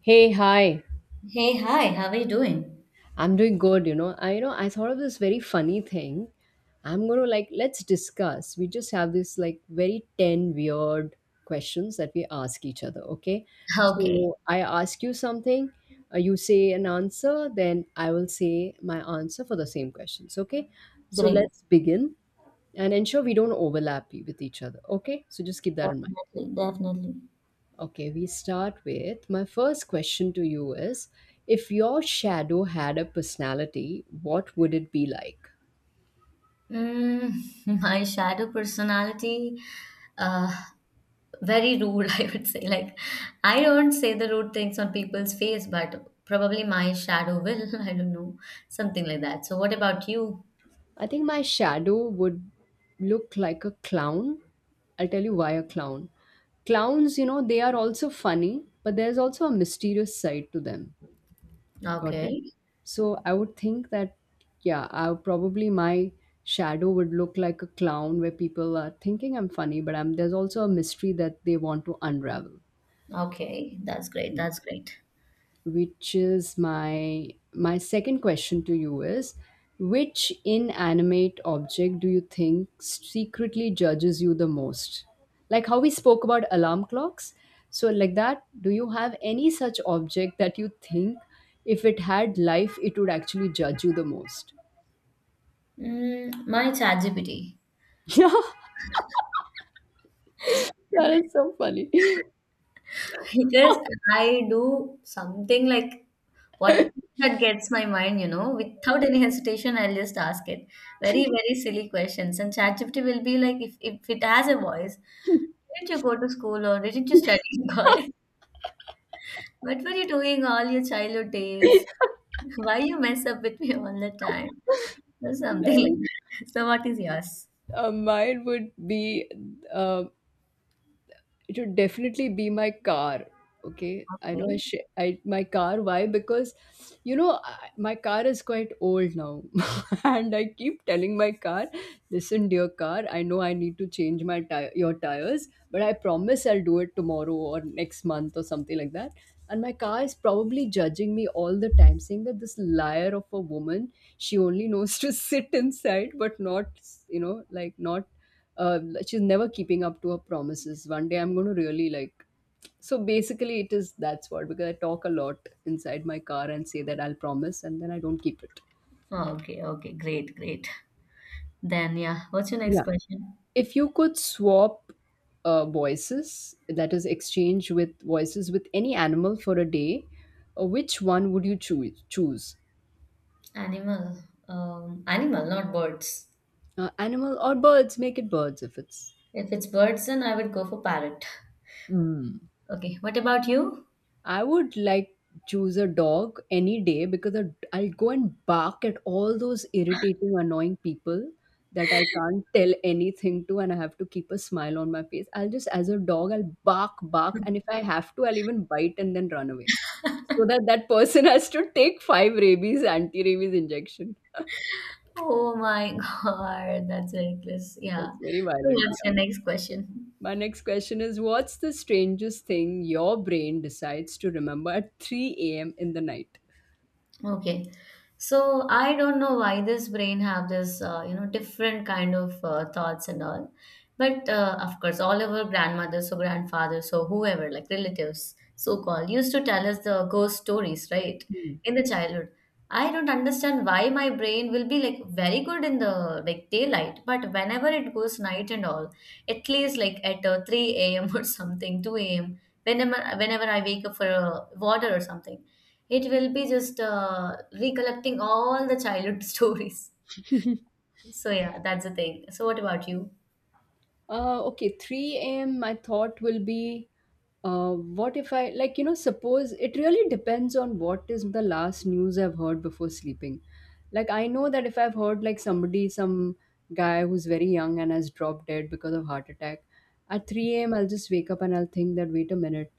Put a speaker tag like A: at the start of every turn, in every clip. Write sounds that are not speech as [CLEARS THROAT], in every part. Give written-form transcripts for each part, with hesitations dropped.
A: Hey, hi.
B: Hey, hi, how are you doing?
A: I'm doing good, you know. I thought of this very funny thing. I'm gonna like let's discuss. We just have this like very 10 weird questions that we ask each other, okay?
B: Okay,
A: So I ask you something, you say an answer, then I will say my answer for the same questions, okay? So
B: great.
A: let's begin and ensure we don't overlap with each other, okay? So just keep that in mind.
B: Definitely, definitely.
A: Okay, we start with my first question to you is if your shadow had a personality, what would it be like?
B: [LAUGHS] My shadow personality, uh, very rude, [LAUGHS] I would say. Like, I don't say the rude things on people's face, but probably my shadow will. [LAUGHS] I don't know, something like that. So, what about you?
A: I think my shadow would look like a clown. I'll tell you why a clown. Clowns, you know, they are also funny, but there's also a mysterious side to them. Got
B: Okay,
A: it? So I would think that, yeah, I would probably my shadow would look like a clown where people are thinking I'm funny, but there's also a mystery that they want to unravel,
B: okay, that's great, that's great.
A: which is my second question to you is: which inanimate object do you think secretly judges you the most, like how we spoke about alarm clocks? So like that, do you have any such object that you think if it had life it would actually judge you the most?
B: My ChatGPT.
A: [LAUGHS] Yeah, that is so funny. That
B: Because I do something like what that gets my mind, without any hesitation, I'll just ask it. Very, very silly questions. And ChatGPT will be like, if it has a voice, didn't you go to school or didn't you study in college? [LAUGHS] What were you doing all your childhood days? [LAUGHS] Why you mess up with me all the time? Or something [LAUGHS] like
A: is,
B: that. So what is yours?
A: mine would be, uh, it would definitely be my car. Okay, I know i,
B: Okay.
A: sh- I my car, why? Because my car is quite old now. [LAUGHS] And I keep telling my car, listen dear car, I know I need to change my tire your tires, but I promise I'll do it tomorrow or next month or something like that. And my car is probably judging me all the time, saying that this liar of a woman, she only knows to [LAUGHS] sit inside but not, you know, like not, uh, she's never keeping up to her promises. One day I'm going to really like. So basically, it is that's what, because I talk a lot inside my car and say that I'll promise and then I don't keep it.
B: Okay, okay, great, great. Then yeah, what's your next
A: Yeah.
B: question?
A: If you could swap voices, that is, exchange with voices with any animal for a day, which one would you choose?
B: Animal. Animal, not birds.
A: Animal or birds? Make it birds if it's.
B: If it's birds, then I would go for parrot.
A: Hmm.
B: Okay, what about you?
A: I would like choose a dog any day because I'll go and bark at all those irritating, annoying people that I can't tell anything to, and I have to keep a smile on my face. I'll just, as a dog, I'll bark, bark, and if I have to, I'll even bite and then run away, so that that person [LAUGHS] has to take five rabies anti-rabies injection.
B: Oh my [LAUGHS] God, that's reckless. Yeah.
A: That's very
B: So
A: violent.
B: what's
A: Yeah.
B: your next question?
A: My next question is: what's the strangest thing your brain decides to remember at 3 a.m. in the night?
B: Okay. So I don't know why this brain have this, different kind of thoughts and all. But of course, all our grandmothers or grandfathers or whoever, like relatives, so called, used to tell us the ghost stories, right?
A: Hmm.
B: In the childhood. I don't understand why my brain will be like very good in the like daylight, but whenever it goes night and all, at least like at 3 a.m. [LAUGHS] or something, 2 a.m., whenever I wake up for water or something. It will be just recollecting all the childhood [LAUGHS] stories. So yeah, that's the thing. So what about you?
A: Okay, 3 a.m. My thought will be, what if I, like, you know, suppose it really depends on what is the last news I've heard before sleeping. Like, I know that if I've heard, like, somebody, some guy who's very young and has dropped dead because of heart attack, at 3 a.m., I'll just wake up and I'll think that, wait a minute.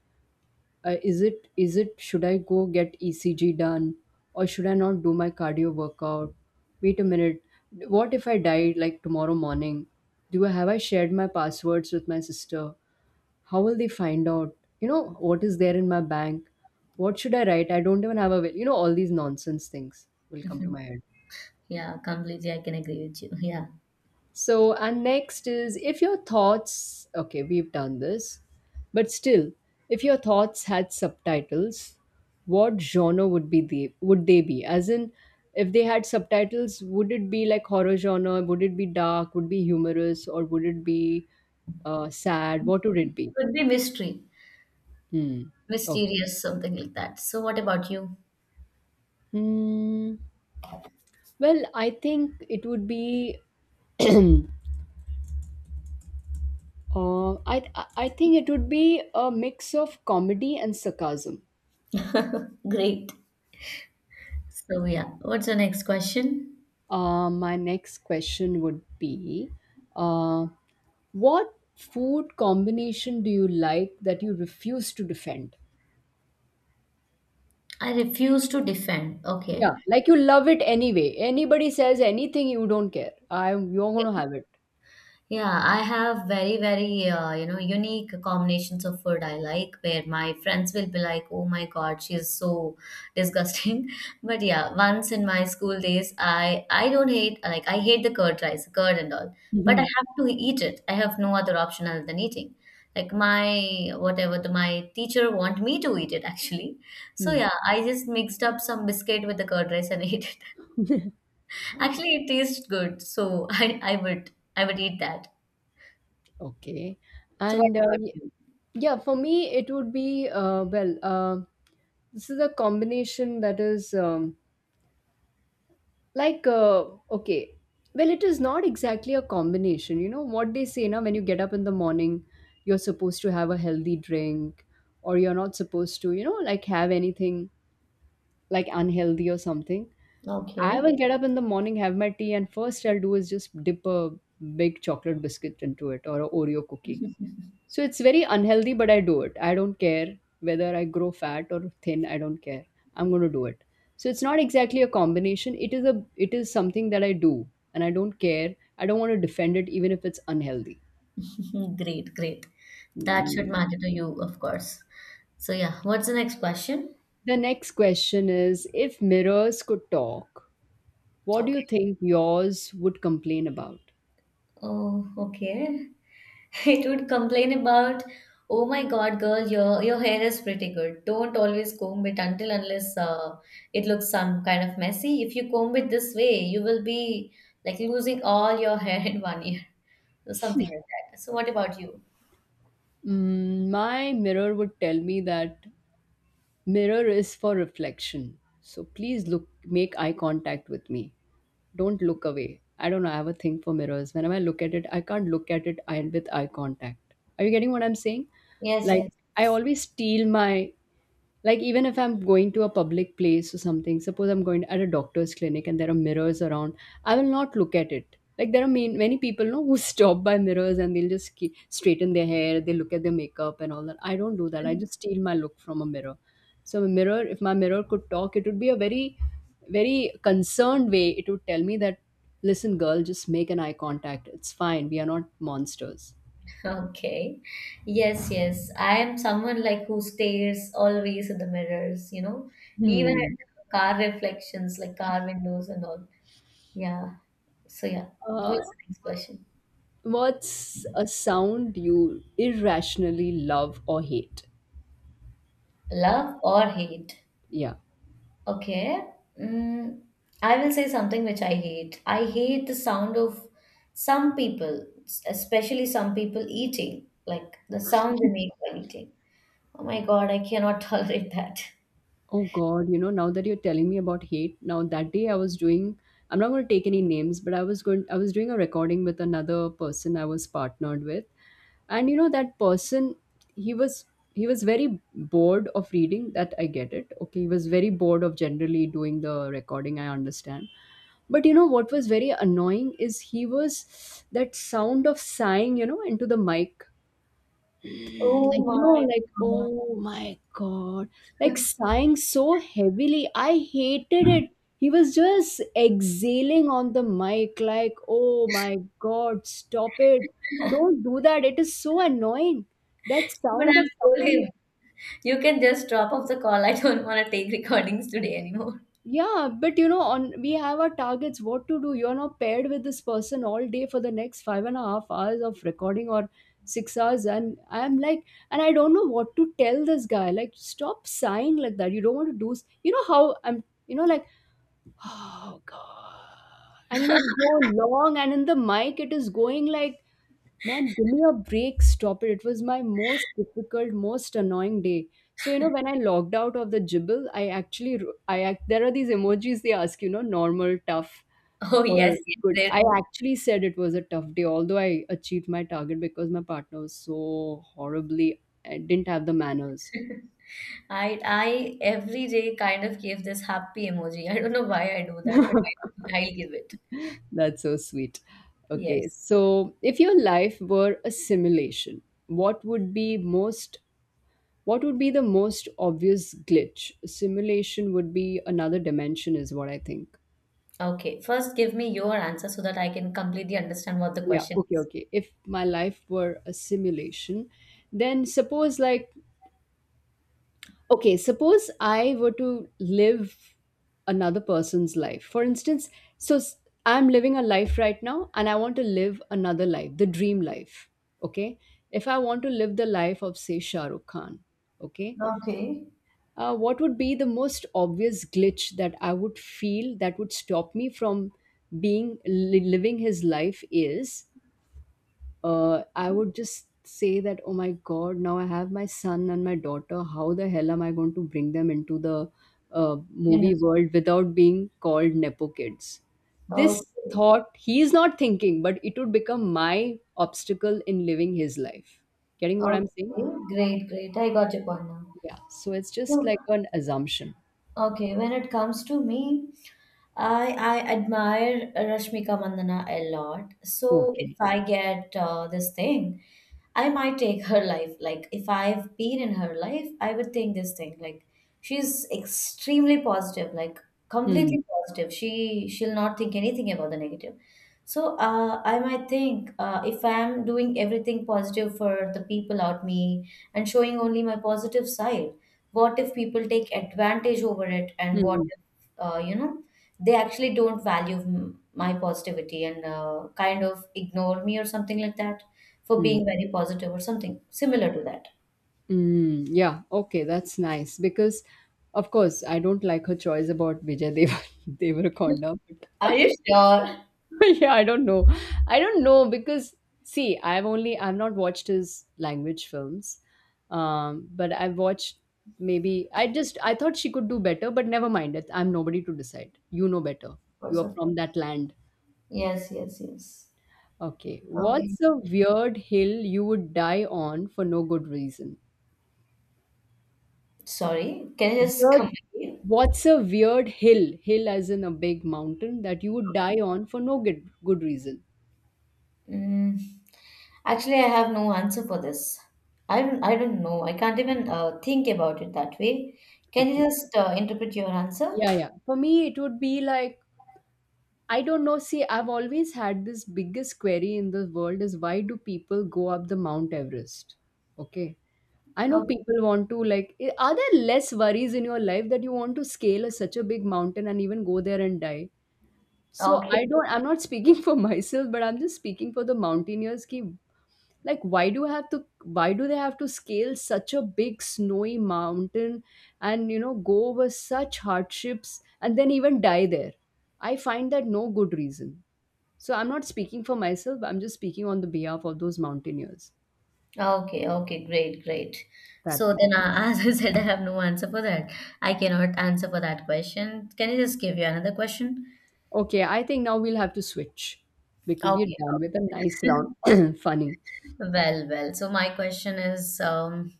A: Is it should I go get ECG done, or should I not do my cardio workout? Wait a minute. What if I die like tomorrow morning? Do I have I shared my passwords with my sister? How will they find out? You know, what is there in my bank? What should I write? I don't even have a will. You know, all these nonsense things will come to
B: [LAUGHS]
A: my head.
B: Yeah, completely. I can agree with you. Yeah.
A: So, and next is if your thoughts, okay, we've done this, but still, if your thoughts had subtitles, what genre would they be? As in, if they had subtitles, would it be like horror genre? Would it be dark? Would it be humorous? Or would it be sad? What would it be?
B: Could be mystery,
A: Hmm. Okay.
B: mysterious, something like that. So what about you?
A: Hmm. Well, I think it would be. [CLEARS THROAT] uh, I I think it would be a mix of comedy and sarcasm.
B: [LAUGHS] Great. So yeah, what's the next question?
A: My next question would be, uh, what food combination do you like that you refuse to defend?
B: I refuse to defend. Okay.
A: Yeah, like you love it anyway. Anybody says anything, you don't care. I'm You're gonna have it.
B: Yeah, I have very, very, unique combinations of food I like, where my friends will be like, oh my God, she is so disgusting. [LAUGHS] But yeah, once in my school days, I don't hate, like, I hate the curd rice, curd and all, but I
A: Mhm.
B: have to eat it. I have no other option other than eating. Like my, whatever, the, my teacher want me to eat it actually. So
A: Mm.
B: yeah, I just mixed up some biscuit with the curd rice and [LAUGHS] ate it. Actually, it tastes good, so I would eat that.
A: Okay.
B: So what
A: And
B: about you?
A: yeah, for me, it would be, this is a combination that is. Like, okay well, it is not exactly a combination. You know what they say now: when you get up in the morning, you're supposed to have a healthy drink, or you're not supposed to, you know, like have anything like unhealthy or something. I
B: Okay.
A: will get up in the morning, have my tea, and first I'll do is just dip a big chocolate biscuit into it or a Oreo cookie. So it's very unhealthy, but I do it. I don't care whether I grow fat or thin. I don't care. I'm going to do it. So it's not exactly a combination. It is something that I do, and I don't care. I don't want to defend it, even if it's unhealthy.
B: [LAUGHS] Great, great. That should
A: Mm.
B: matter to you, of course. So yeah, what's the next question?
A: The next question is: if mirrors could talk, what do
B: Okay.
A: you think yours would complain about?
B: Oh, okay. [LAUGHS] It would complain about, oh my God, girl, your hair is pretty good. Don't always comb it until unless it looks some kind of messy. If you comb it this way, you will be like losing all your [LAUGHS] hair in one year or something like that. So what about you?
A: Mm, my mirror would tell me that mirror is for reflection. So please look, make eye contact with me. Don't look away. I don't know. I have a thing for mirrors. Whenever I look at it, I can't look at it with eye contact. Are you getting what I'm saying?
B: Yes,
A: Like,
B: yes.
A: I always steal my like, even if I'm going to a public place or something, suppose I'm going at a doctor's clinic and there are mirrors around, I will not look at it. Like, there are many people know who [LAUGHS] stop by mirrors and they'll just straighten their hair, they look at their makeup and all that. I don't do that. I just steal my look from a mirror. So a mirror, if my mirror could talk, it would be a very very concerned way, it would tell me that listen girl, just make an eye contact, it's fine, we are not monsters.
B: Okay. Yes, yes. I am someone like who stares always at the mirrors, even
A: Hmm.
B: at car reflections, like car windows and all. Yeah. So, yeah, that was
A: Uh,
B: the next question.
A: What's a sound you irrationally love or hate?
B: Love or hate?
A: Yeah.
B: Okay. Mm, I will say something which I hate. I hate the sound of some people, especially some people eating, like the sound they make while eating. Oh my God, I cannot [LAUGHS] tolerate that.
A: Oh God, you know, now that you're telling me about hate, now that day I'm not going to take any names, but I was doing a recording with another person I was partnered with. And you know, that person, he was, he was very bored of reading. That I get it. Okay. He was very bored of generally doing the recording. I understand. But you know, what was very annoying is he was that sound of sighing, you know, into the mic,
B: Oh
A: like, you know,
B: my
A: like,
B: God.
A: oh my god, like sighing so heavily. I hated it. He was just exhaling on the mic, like, oh my god, stop it. Don't do that, it is so annoying, that
B: But
A: sound of
B: I've told
A: somebody.
B: him, you can just drop off the call. I don't want to take recordings today anymore. [LAUGHS]
A: Yeah, but you know, on we have our targets, what to do. You're not paired with this person all day for the next 5.5 hours of recording or 6 hours. And I'm like, and I don't know what to tell this guy. Like, stop sighing like that. You don't want to do, you know, how I'm, you know, like oh god. And it would go long, and in the mic it is going like, man give me a break, stop it. It was my most difficult, most annoying day. So you know, when I logged out of the jibble, I actually I act there are these emojis, they ask, you know, normal, tough,
B: Oh
A: or
B: yes, yes,
A: good.
B: they
A: I
B: do.
A: actually said it was a tough day, although I achieved my target, because my partner was so horribly I didn't have the manners.
B: I every day kind of give this happy emoji. I don't know why I do that, but
A: [LAUGHS]
B: I'll give it.
A: That's so sweet. Okay,
B: Yes.
A: so if your life were a simulation, what would be the most obvious glitch? Simulation would be another dimension is what I think.
B: Okay. First, give me your answer so that I can completely understand what the
A: Yeah,
B: question
A: okay,
B: is.
A: okay. If my life were a simulation, then suppose like, okay, suppose I were to live another person's life, for instance. So I'm living a life right now and I want to live another life, the dream life. Okay, if I want to live the life of say Shah Rukh Khan. Okay,
B: Okay.
A: what would be the most obvious glitch that I would feel that would stop me from living his life, is, I would just say that, oh my God, now I have my son and my daughter. How the hell am I going to bring them into the movie
B: Yes.
A: world without being called Nepo kids? This
B: Okay.
A: thought he is not thinking, but it would become my obstacle in living his life. Getting what I'm saying?
B: Okay. Great. Great. I got your point now.
A: Yeah. So it's just
B: So,
A: like an assumption.
B: okay. When it comes to me. I admire Rashmika Mandana a lot. So if
A: Okay.
B: I get this thing, I might take her life. Like if I've been in her life, I would think this thing. Like she's extremely positive, like
A: Hmm.
B: completely positive. She'll not think anything about the negative. So I might think if I'm doing everything positive for the people out me and showing only my positive side, what if people take advantage over it, and what
A: Hmm.
B: if you know? They actually don't value my positivity and kind of ignore me or something like that for
A: Hmm.
B: being very positive or something similar to that.
A: Mm, yeah, okay, that's nice because, of course, I don't like her choice about Vijay Deva [LAUGHS] Devarakonda.
B: Are
A: But
B: you sure?
A: [LAUGHS] yeah, I don't know. I don't know because see, I've not watched his language films, but I've watched maybe I thought she could do better, but never mind it. I'm nobody to decide. You know better.
B: Or
A: You are from that land.
B: yes, yes, yes.
A: Okay,
B: Okay.
A: what's a weird hill you would die on for no good reason?
B: Sorry, can you just come
A: Weird.
B: back here?
A: What's a weird hill? Hill as in a big mountain that you would die on for no good good reason.
B: Mm, actually, I have no answer for this. I don't know. I can't even think about it that way. Can you
A: Okay.
B: just interpret your answer?
A: Yeah, yeah. For me, it would be like I don't know. See, I've always had this biggest query in the world is why do people go up the Mount Everest? Okay. I know people want to like. Are there less worries in your life that you want to scale a, such a big mountain and even go there and die? So I
B: Okay.
A: don't. I'm not speaking [LAUGHS] for myself, but I'm just speaking for the mountaineers. Ki like why do they have to scale such a big snowy mountain and you know go over such hardships and then even die there. I find that no good reason. So I'm not speaking for myself, I'm just speaking on the behalf of those mountaineers
B: Okay, okay, great, great.
A: that
B: So
A: way.
B: then, [LAUGHS] as I said, I have no answer for that. I cannot answer for that question. Can I just give you another question?
A: Okay, I think now we'll have to switch because we're
B: Okay.
A: done with a nice round
B: [LAUGHS]
A: [COUGHS] [CLEARS THROAT] funny.
B: Well, well. So my question is,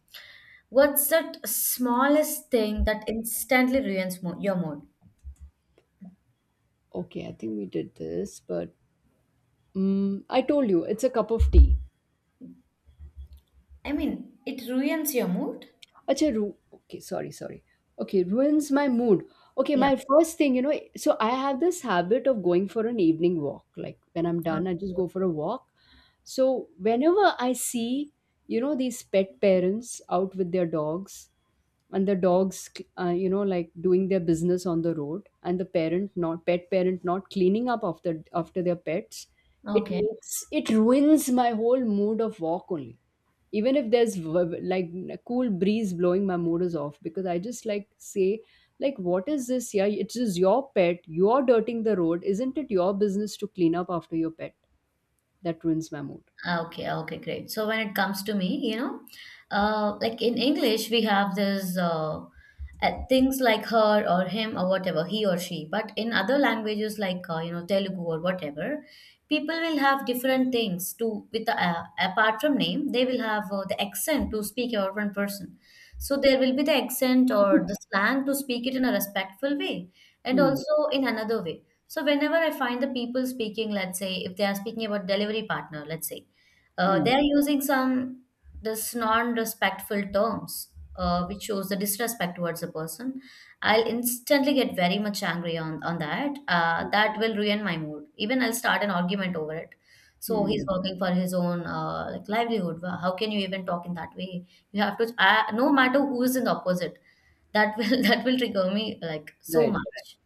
B: what's that smallest thing that instantly ruins mo your mood?
A: Okay, I think we did this but mm, I told you it's a cup of tea.
B: I mean, it ruins your mood?
A: Acha, okay, sorry, sorry. Okay, ruins my mood. Okay,
B: Yeah.
A: my first thing, you know, so I have this habit of going for an evening walk. Like when I'm done, I just go for a walk. So whenever I see, you know, these pet parents out with their dogs, and the dogs you know, like doing their business on the road, and the parent not pet parent not cleaning up after their pets, it
B: Okay.
A: makes it ruins my whole mood of walk only. Even if there's like a cool breeze blowing, my mood is off, because I just like say, like, what is this? Yeah, it's just your pet, you're dirting the road, isn't it your business to clean up after your pet? That ruins my mood.
B: Ah, okay, okay, great. So when it comes to me, like in English, we have this things like her or him or whatever, he or she. But in other languages like Telugu or whatever, people will have different things to with the, apart from name, they will have the accent to speak about one person. So there will be the accent or the slang to speak it in a respectful way, and
A: Hmm.
B: also in another way. So whenever I find the people speaking, let's say if they are speaking about delivery partner, let's say
A: Hmm.
B: they're using some this non-respectful terms, which shows the disrespect towards the person. I'll instantly get very much angry on that. That will ruin my mood. Even I'll start an argument over it. So he's
A: Hmm.
B: working for his own like livelihood. How can you even talk in that way? You have to, no matter who is in the opposite, that will [LAUGHS] that will trigger me like so
A: Right, right.
B: much.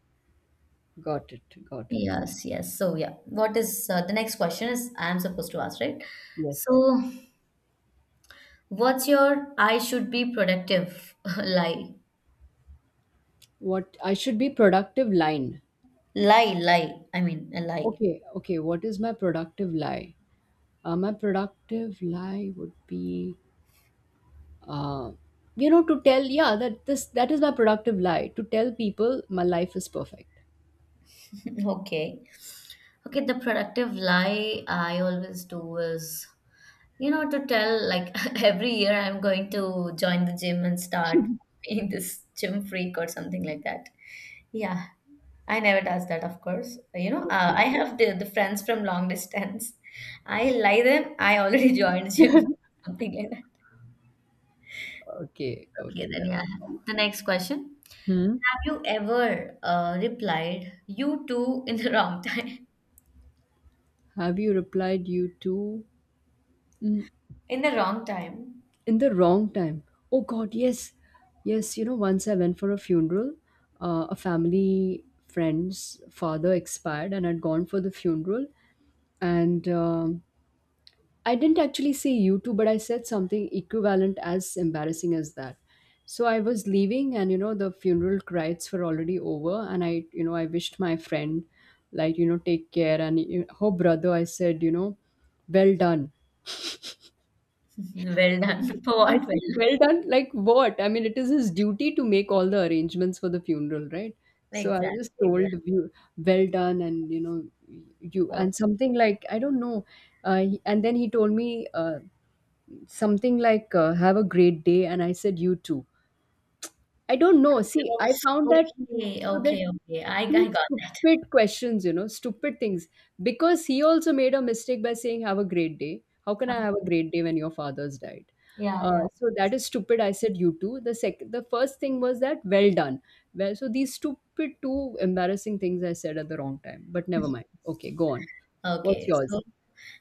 A: Got it, got it.
B: Yes, yes. So yeah, what is the next question is I am supposed to ask, right?
A: Yes.
B: So what's your I should be productive [LAUGHS] lie?
A: What I should be productive line.
B: Lie, lie. I mean, a lie.
A: Okay, okay. What is my productive lie? My productive lie would be, uh, you know, to tell yeah that this, that is my productive lie, to tell people my life is perfect.
B: [LAUGHS] Okay. Okay, the productive lie I always do is, to tell like [LAUGHS] every year I'm going to join the gym and start being [LAUGHS] this gym freak or something like that. Yeah, I never does that, of course. I
A: Okay,
B: have the, friends from long distance. I lie them, I already [LAUGHS] joined gym, something like that.
A: okay,
B: Okay,
A: okay.
B: then
A: That's
B: yeah.
A: fine.
B: The next question.
A: Hmm.
B: Have you ever replied you too in the wrong time?
A: Have you replied you to mm,
B: [LAUGHS] In the wrong time.
A: in the wrong time? Oh God, yes, yes. You know, once I went for a funeral, a family friend's father expired, and I'd gone for the funeral, and I didn't actually say you too, but I said something equivalent as embarrassing as that. So I was leaving, and you know the funeral rites were already over, and I, you know, I wished my friend like, you know, take care. And her brother, I said, you know, well done.
B: [LAUGHS] Well done. [LAUGHS] For what? Well
A: I
B: done.
A: said, well done. Like what? I mean, it is his duty to make all the arrangements for the funeral, right? So I
B: Exactly.
A: just
B: Exactly.
A: told you, well done, and you know, you and
B: Okay.
A: something like I don't know. And then he told me something like, "Have a great day," and I said, "You too." I don't know. See,
B: Well,
A: I found that,
B: okay.
A: so that,
B: Okay. Okay. I
A: two
B: got that.
A: stupid questions, you know, stupid things. Because he also made a mistake by saying, Have a great day. How can
B: Huh.
A: I have a great day when your father's died?
B: Yeah, yeah.
A: So that is stupid. I said you too. The second, the first thing was that well done. Well, so these stupid two embarrassing things I said at the wrong time. But never mind. Okay, go on.
B: [LAUGHS]
A: What's
B: Okay,
A: yours?
B: so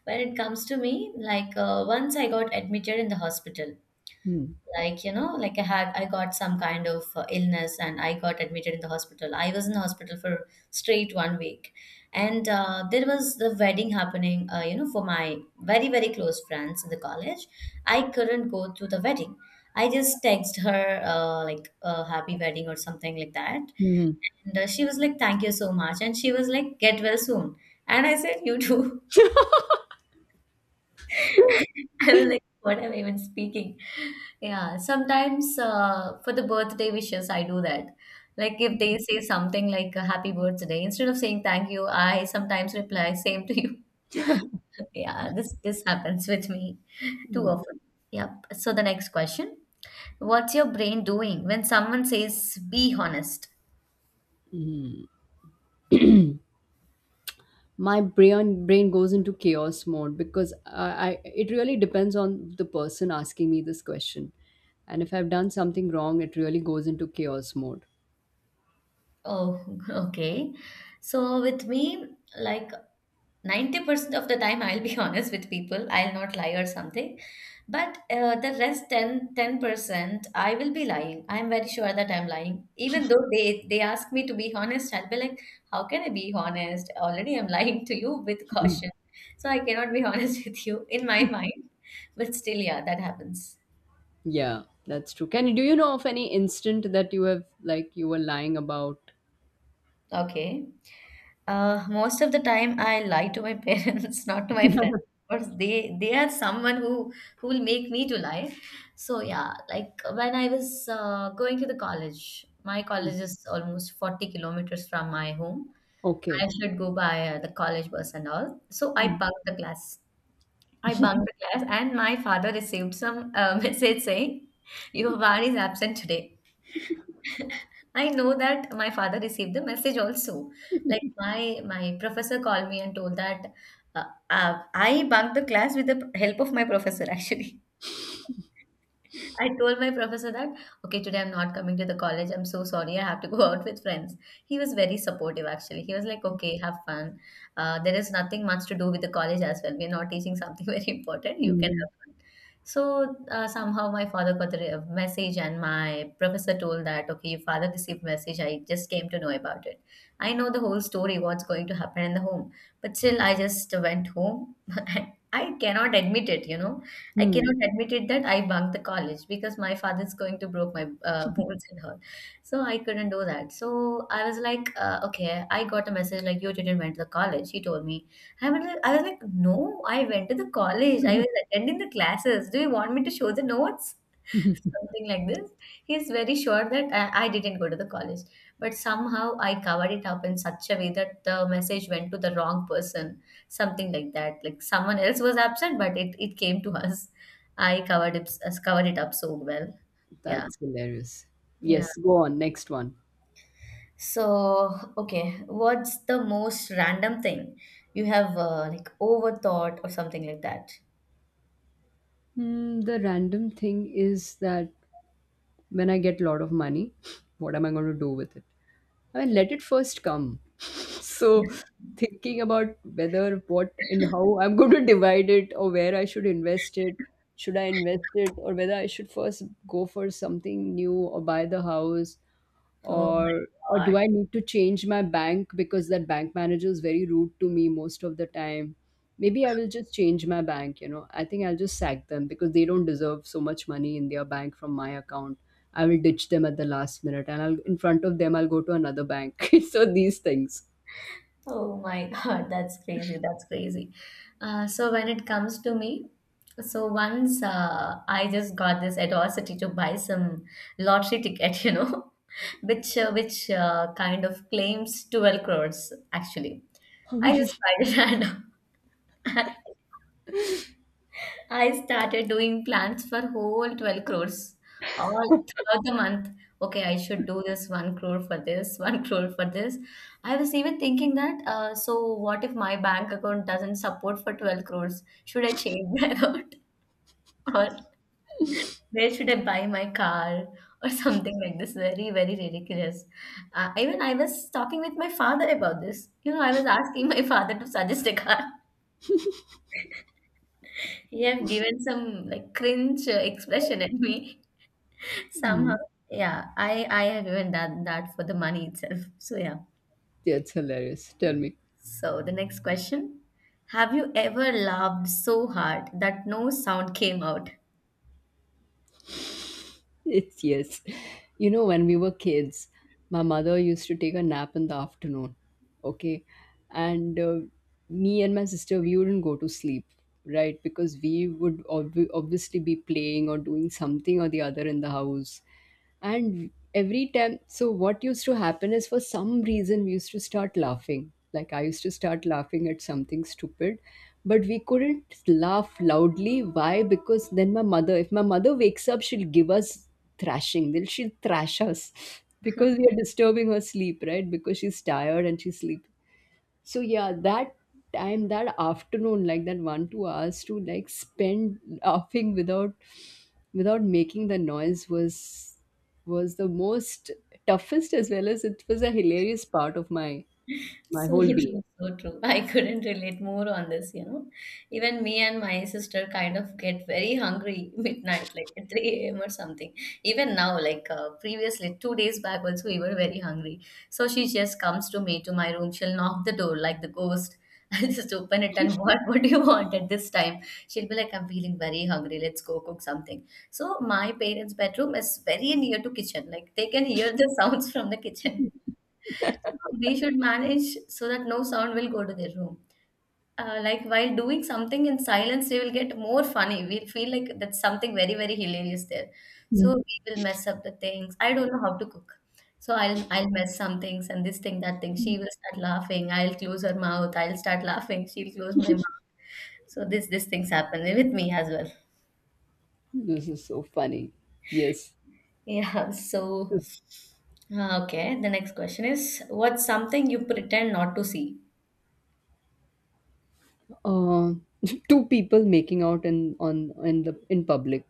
B: when it comes to me, like once I got admitted in the hospital,
A: Hmm.
B: like like I got some kind of illness, and I got admitted in the hospital. I was in the hospital for straight one week. And there was the wedding happening, for my very, very close friends in the college. I couldn't go to the wedding. I just texted her, like a happy wedding or something like that.
A: Hmm.
B: And she was like, thank you so much, and she was like, get well soon. And I said, you too. [LAUGHS] I was like, what am I even speaking? Yeah, sometimes for the birthday wishes, I do that. Like if they say something like a happy birthday, instead of saying thank you, I sometimes reply [LAUGHS] same to you. [LAUGHS] Yeah, this happens with me too
A: [LAUGHS]
B: often. Yep. So the next question, what's your brain doing when someone says be honest?
A: My brain goes into chaos mode because I it really depends on the person asking me this question. And if I've done something wrong, it really goes into chaos mode.
B: Oh, [LAUGHS] okay. So with me, like 90% of the time I'll be [LAUGHS] honest with people. I'll not lie or something, but the rest ten percent I will be lying. I'm very sure that I'm lying, even though they ask me to be honest. I'll be like, how can I be honest? Already I'm [LAUGHS] lying to you with
A: Mhm.
B: caution. So I cannot be [LAUGHS] honest with you in my mind. But still, yeah, that happens.
A: Yeah, that's true. Can you do you know of any instant that you have like you were lying about?
B: Okay. Most of the time, I lie to my [LAUGHS] parents, not to my friends. Because they are someone who will make me to lie. So yeah, like when I was going to the college, my college is almost 40 kilometers from my home.
A: Okay.
B: I should go by the college bus and all. So I
A: Mm,
B: bunked the class. I bunked the class, and my father received some [LAUGHS] message saying, "Your van is absent today." I know that my father received the message also. Like my professor called me and told that uh, I bunked the class with the help of my professor [LAUGHS] actually. I told my professor that, okay, today I'm not coming to the college. I'm so sorry. I have to go [LAUGHS] out with friends. He was very supportive, actually. He was like, okay, have fun. There is nothing much to do with the college as well. We're not teaching something [LAUGHS] very important. You can have
A: mhm,
B: fun. So somehow my father got the message, and my professor told that, okay, your father received message. I just came to know about it. I know the whole story, what's going to happen in the home, but still, I just went home. [LAUGHS] I cannot admit it, you know. I
A: mm.
B: cannot admit it that I bunked the college because my father is going to broke my bones and all. So I couldn't do that. So I was like, okay, I got a message like you didn't went to the college. He told me. I was like, no, I went to the college. I was attending the classes. Do you want me to show the notes?
A: [LAUGHS]
B: Something like this. He's very sure that I didn't go to the college, but somehow I covered it up in such a way that the message went to the wrong person, something like that. Like someone else was absent, but it came to [LAUGHS] us. I covered it up so well. Yeah,
A: That's hilarious.
B: yeah.
A: Yes, go on. Next one.
B: So, okay, what's the most random thing you have like overthought or something like that?
A: Hmm, the random thing is that when I get a lot of money, [SNIFFS] what am I going to do with it? I mean, let it first come. [LAUGHS] So thinking about whether what and how I'm going to [LAUGHS] divide it, or where I should invest it. Should I invest it, or whether I should first go for something new or buy the house,
B: Oh
A: or
B: my
A: do I need to change my bank because that bank manager is very rude to me most of the time? Maybe I will just change my bank, you know. I think I'll just sack them because they don't deserve so much money in their bank from my account. I will ditch them at the last minute, and I'll, in front of them, I'll go to another bank. [LAUGHS] So these things.
B: Oh my [LAUGHS] God, that's crazy. That's crazy. So when it comes to me, so once I just got this audacity to buy some lottery ticket, [LAUGHS] you know, which kind of claims 12 crores actually. I just tried it [LAUGHS] and I started doing plans for whole 12 crores all throughout the month. Okay, I should do this 1 crore for this, [LAUGHS] 1 crore for this. I was even thinking that, so what if my bank account doesn't support for 12 crores? Should I change that [LAUGHS] out? Or where should I buy my car? [LAUGHS] Or something like this. Very, very ridiculous. Even I was talking with my father about this. You know, I was asking [LAUGHS] my father to suggest a car. He have given some like cringe expression at me. Somehow,
A: Mm.
B: yeah, I have even done that for the money itself. [LAUGHS] So yeah.
A: Yeah, it's hilarious. Tell me.
B: So the next question, have you ever laughed so hard that no sound came out?
A: It's yes. You know, when we were kids, my mother used to take a nap in the afternoon. Okay. And me and my sister, we wouldn't go to sleep, right? Because we would obviously be playing or doing something or the other in the house. And every time, so what used to happen is for some reason, we used to start laughing. Like I used to start laughing at something stupid, but we couldn't laugh loudly. Why? Because then my mother, if my mother wakes up, she'll give us thrashing. Will she thrash us because we are disturbing her sleep, right? Because she's tired and she's sleeping. So yeah, that time, that afternoon, like that 1-2 hours to like spend laughing without making the noise was the most toughest, as well as it was a hilarious part of my my
B: So [LAUGHS]
A: whole being.
B: true, so true. I couldn't relate more on this, you know. Even me and my sister kind of get very hungry [LAUGHS] midnight, like at 3 a.m. or something. Even now, like previously, 2 days back also, we were very hungry. So she just comes to me, to my room. She'll knock the door like the ghost. [LAUGHS] I'll just open it and [LAUGHS] what do you want at this time? She'll be like, I'm feeling very hungry. Let's go cook something. So my parents' bedroom is very near to kitchen. Like they can hear the [LAUGHS] sounds from the kitchen. We should manage so that no sound will go to their room. Like while doing something in silence, they will get more funny. We feel like that's something very, very hilarious there.
A: Mm.
B: So we will mess up the things. I don't know how to cook. So I'll mess some things and this thing, that thing. She will start laughing. I'll close her mouth. I'll start laughing. She'll close my mouth. So this these things happen with me as well. [LAUGHS]
A: This is so funny. Yes.
B: Yeah. So okay. The next question is, what's something you pretend not to see?
A: Uh, [LAUGHS] two people making out in the in public.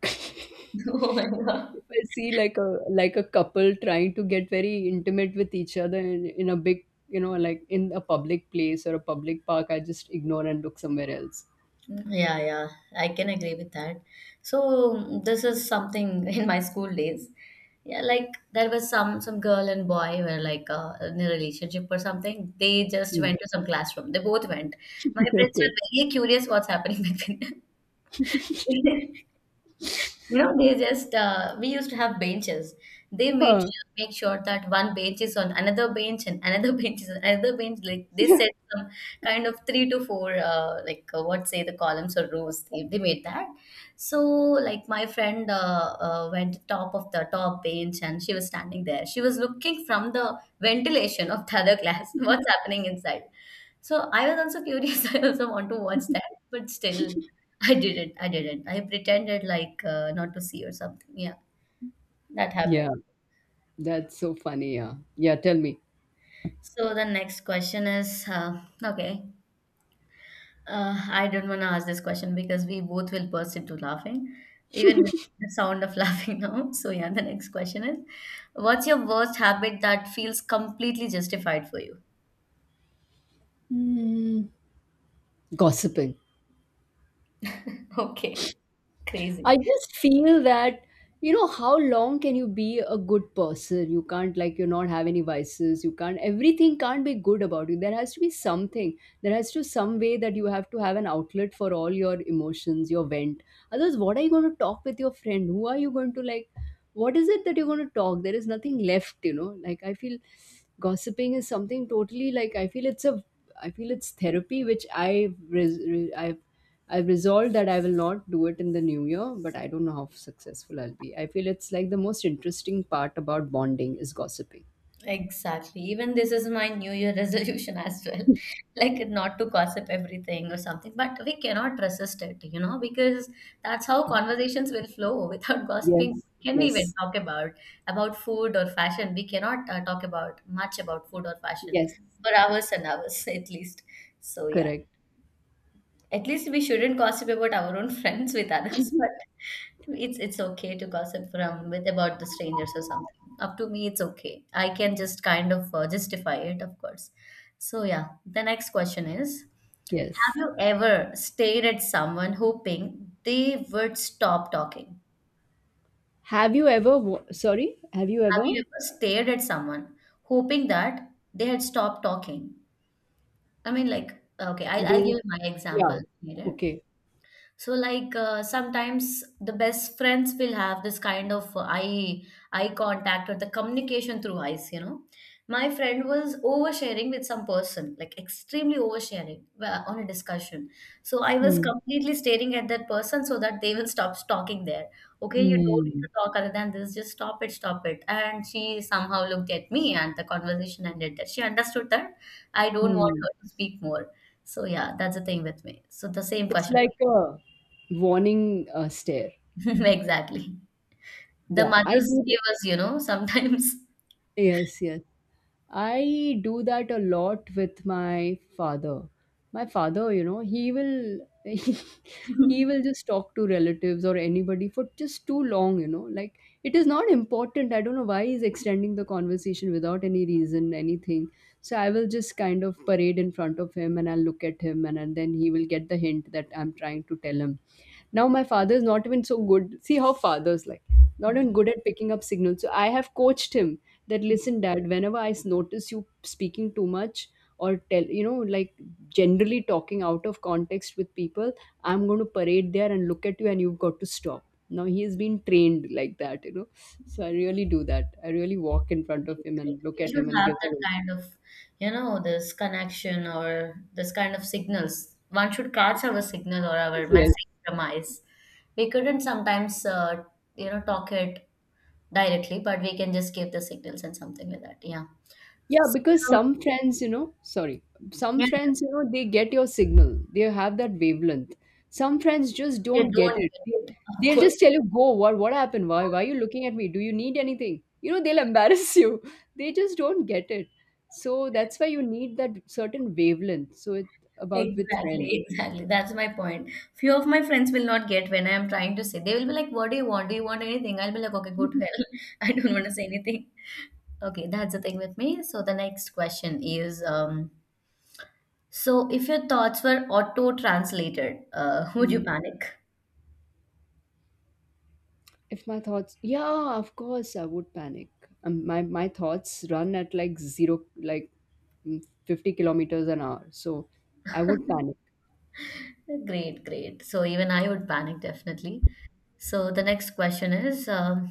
B: [LAUGHS]
A: [LAUGHS]
B: Oh my God.
A: If I see like a couple trying to get very intimate with each other in a big, you know, like in a public place or a public park, I just ignore and look somewhere else.
B: Yeah, yeah, I can agree with that. So this is something [LAUGHS] in my school days. Yeah, like there was some girl and boy were like in a relationship or something. They just
A: Hmm.
B: went to some classroom. They both went. My
A: [LAUGHS]
B: friends were
A: Okay.
B: very curious what's happening [LAUGHS] between them. [LAUGHS] You know, they just we used to have benches. They
A: Huh.
B: make sure that one bench is on another bench and another [LAUGHS] bench is on another bench. Like they
A: Yeah.
B: set some kind of three to four, like what say the columns or rows. They made that. So like my friend went to top of the top bench and she was standing there. She was looking from the ventilation of the other class. [LAUGHS] What's happening inside? So I was also curious. [LAUGHS] I also want to watch that, but still. I didn't. I didn't. I pretended like not to see or something. Yeah, that
A: Yeah.
B: happened.
A: That's so funny. Yeah. Yeah. Tell me.
B: So the next question is okay. I don't want to ask this question because we both will burst into laughing, even with the sound of [LAUGHS] laughing now. So yeah, the next question is, what's your worst habit that feels completely justified for you?
A: Hmm. Gossiping.
B: [LAUGHS] Okay,
A: I
B: crazy.
A: just feel that, you know, how long can you be a good person? You can't, like, you not have any vices. You can't, everything can't be good about you. There has to be something. There has to some way that you have to have an outlet for all your emotions, your vent. Otherwise, what are you going to talk with your friend? Who are you going to, like, what is it that you're going to talk? There is nothing left, you know. Like, I feel gossiping is something totally, like, I feel it's a, I feel it's therapy, which I've resolved that I will not do it in the new year, but I don't know how successful I'll be. I feel it's like the most interesting part about bonding is gossiping.
B: Exactly. Even this is my New Year [LAUGHS] resolution as well. [LAUGHS] Like not to gossip everything or something, but we cannot resist it, you know, because that's how conversations will flow. Without [LAUGHS] gossiping,
A: Yes,
B: what can we even
A: yes,
B: talk about food or fashion? We cannot talk about much about food or fashion
A: yes,
B: for hours and hours [LAUGHS] at least. So yeah,
A: correct.
B: at least we shouldn't gossip about our own [LAUGHS] friends with others, but it's okay to gossip from with about the strangers or something. Up to me, it's okay. I can just kind of justify it, of course. So yeah, the next question is: have
A: Yes.
B: you ever stared at someone hoping they would stop talking?
A: Have you ever, sorry, have you
B: Have
A: ever?
B: you ever stared at someone hoping that they had stopped talking? I mean, like, okay, I'll
A: They,
B: give you my example
A: yeah,
B: later.
A: okay.
B: So like sometimes the best friends will have this kind of eye contact or the communication through eyes, you know. My friend was oversharing with some person, like extremely oversharing on a discussion. So I was
A: Hmm.
B: completely staring at that person so that they will stop talking there. Okay, you don't need to
A: Hmm.
B: talk other than this, just stop it, stop it. And she somehow looked at me and the conversation ended there. She understood that I don't want
A: Hmm.
B: her to speak more. So yeah, that's the thing with me. So the same
A: It's
B: question.
A: like a warning stare.
B: [LAUGHS] Exactly. The
A: Yeah, I
B: mothers
A: do.
B: give us, you know, sometimes.
A: Yes, yes. I do that a lot with my father. My father, you know, he will [LAUGHS]
B: [LAUGHS]
A: he will just talk to relatives or anybody for just too long, you know. Like it is not important. I don't know why he's extending the conversation without any reason, anything. So I will just kind of parade in front of him and I'll look at him, and then he will get the hint that I'm trying to tell him. Now my father is not even so good. See how father's like not even good at picking up signals. So I have coached him that listen dad, whenever notice you speaking too much, or tell, you know, like generally talking out of context with people, I'm going to parade there and look at you and you've got to stop. Now he has been trained like that, you know. So I really do that, I really walk in front of him and look
B: We
A: at
B: should
A: him and
B: have
A: give
B: that
A: that.
B: kind of, you know, this connection or this kind of signals. One should catch our signal or our
A: Yes.
B: message from eyes. We couldn't sometimes, you know, talk it directly, but we can just give the signals and something like that. Yeah.
A: Yeah,
B: So,
A: because some friends, you know, sorry, some
B: yeah,
A: friends, you know, they get your signal. They have that wavelength. Some friends just
B: they
A: don't get
B: don't
A: it. They,
B: get
A: they'll
B: it. [LAUGHS]
A: just tell you, "Go, what happened? Why are you looking at me? Do you need anything?" You know, they'll embarrass [LAUGHS] you. They just don't get it. So that's why you need that certain wavelength. So it's about with friends.
B: Exactly, exactly. That's my point. Few of my friends will not get when I am trying to say. They will be like, what do you want? Do you want anything? I'll be like, okay, go to hell. [LAUGHS] I don't want to say anything. Okay, that's the thing with me. So the next question is so if your thoughts were auto-translated, [LAUGHS] would you
A: [LAUGHS]
B: panic?
A: If my thoughts, yeah, of course, I would panic. My thoughts run at like zero, like mm, 50 kilometers an hour. So I would panic.
B: Great, great. So even I would panic definitely. So the next question is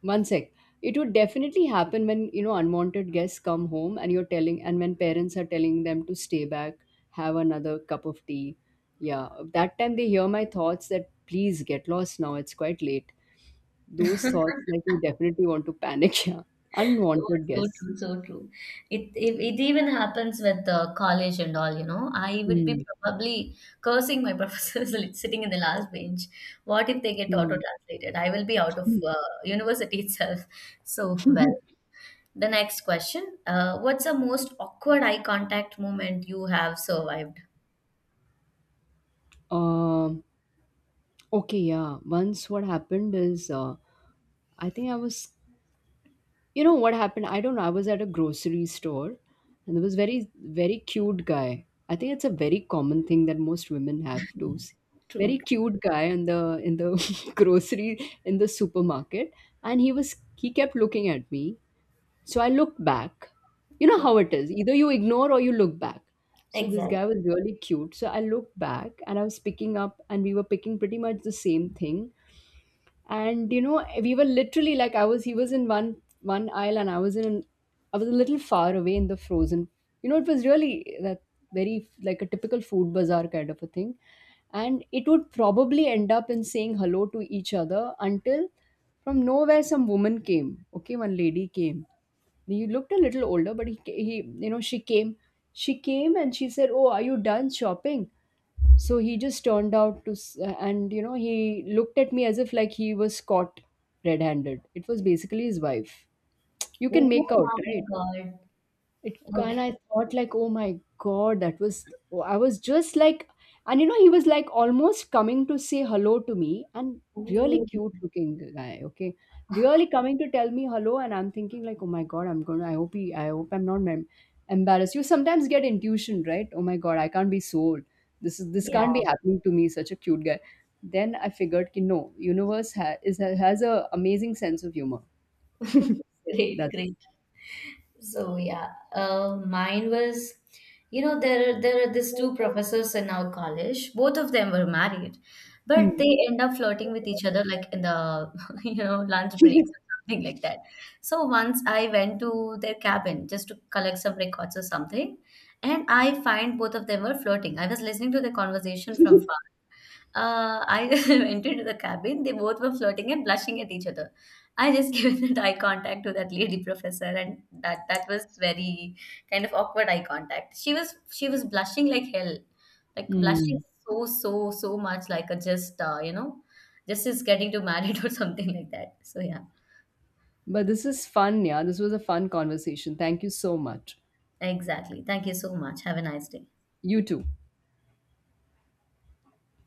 A: One sec. It would definitely happen when, you know, unwanted guests come home and you're telling, and when parents are telling them to stay back, have another cup of tea. Yeah. That time they hear my thoughts that please get lost now. It's quite late. Those thoughts,
B: [LAUGHS]
A: like you definitely want to panic. [LAUGHS] Yeah.
B: so,
A: Unwanted
B: so
A: guests.
B: true, so true. It even happens with the college and all, you know. I would be
A: Hmm.
B: probably cursing my [LAUGHS] professors like, sitting in the last bench. What if they get auto-translated? I will be out of
A: Hmm.
B: university [LAUGHS] itself. So, well,
A: [LAUGHS]
B: the next question. What's the most awkward eye contact moment you have survived?
A: Um, okay, yeah. Once what happened is, I think I was, you know, what happened? I don't know. I was at a grocery store, and there was very, very cute guy. I think it's a very common thing that most women have to see.
B: True,
A: Very cute guy in the [LAUGHS] grocery, in the supermarket, and he kept looking at me, so I looked back. You know
B: true.
A: how it is. Either you ignore or you look back. So this
B: Exactly.
A: guy was really cute. So I looked back and I was picking up, and we were picking pretty much the same thing. And you know, we were literally like I was he was in one aisle, and I was in, I was a little far away in the frozen. You know, it was really that very like a typical food bazaar kind of a thing. And it would probably end up in saying hello to each other, until from nowhere some woman came. Okay, one lady came, he looked a little older, but you know, she came and she said, "Oh, are you done shopping?" So he just turned out to, and you know, he looked at me as if like he was caught red-handed. It was basically his wife. You can
B: Oh
A: make out,
B: my
A: right?
B: God.
A: It, and
B: Okay.
A: I thought like, oh my god, that was oh, I was just like, and you know, he was like almost coming to say hello to me, and really
B: Oh,
A: cute looking guy, okay, really coming to tell me hello, and I'm thinking like, oh my god, I'm gonna, I hope he, I hope I'm not embarrassed. You sometimes get intuition, right? Oh my god, I can't be sold. This is this
B: yeah.
A: can't be happening to me. Such a cute guy. Then I figured, ki, no, universe ha- is has a amazing sense of humor. [LAUGHS]
B: [LAUGHS]
A: So
B: Great,
A: that's.
B: great. So yeah, mine was, you know, there are these two professors in our college. Both of them were married, but
A: Hmm.
B: they end up flirting with each other like in the [LAUGHS] you know lunch breaks or
A: [LAUGHS]
B: something like that. So once I went to their cabin just to collect some records or something, and I find both of them were flirting. I was listening to the conversation from I [LAUGHS] entered the cabin. They both were flirting and blushing at each other. I just [LAUGHS] gave that eye contact to that lady professor, and that was very kind of awkward eye contact. She was blushing like hell, like blushing
A: Hmm.
B: so much, like a just you know, just is getting to married [LAUGHS] or something like that. So yeah,
A: But this is fun, yeah. This was a fun conversation. Thank you so much.
B: exactly. Thank you so much. Have a nice day.
A: You too.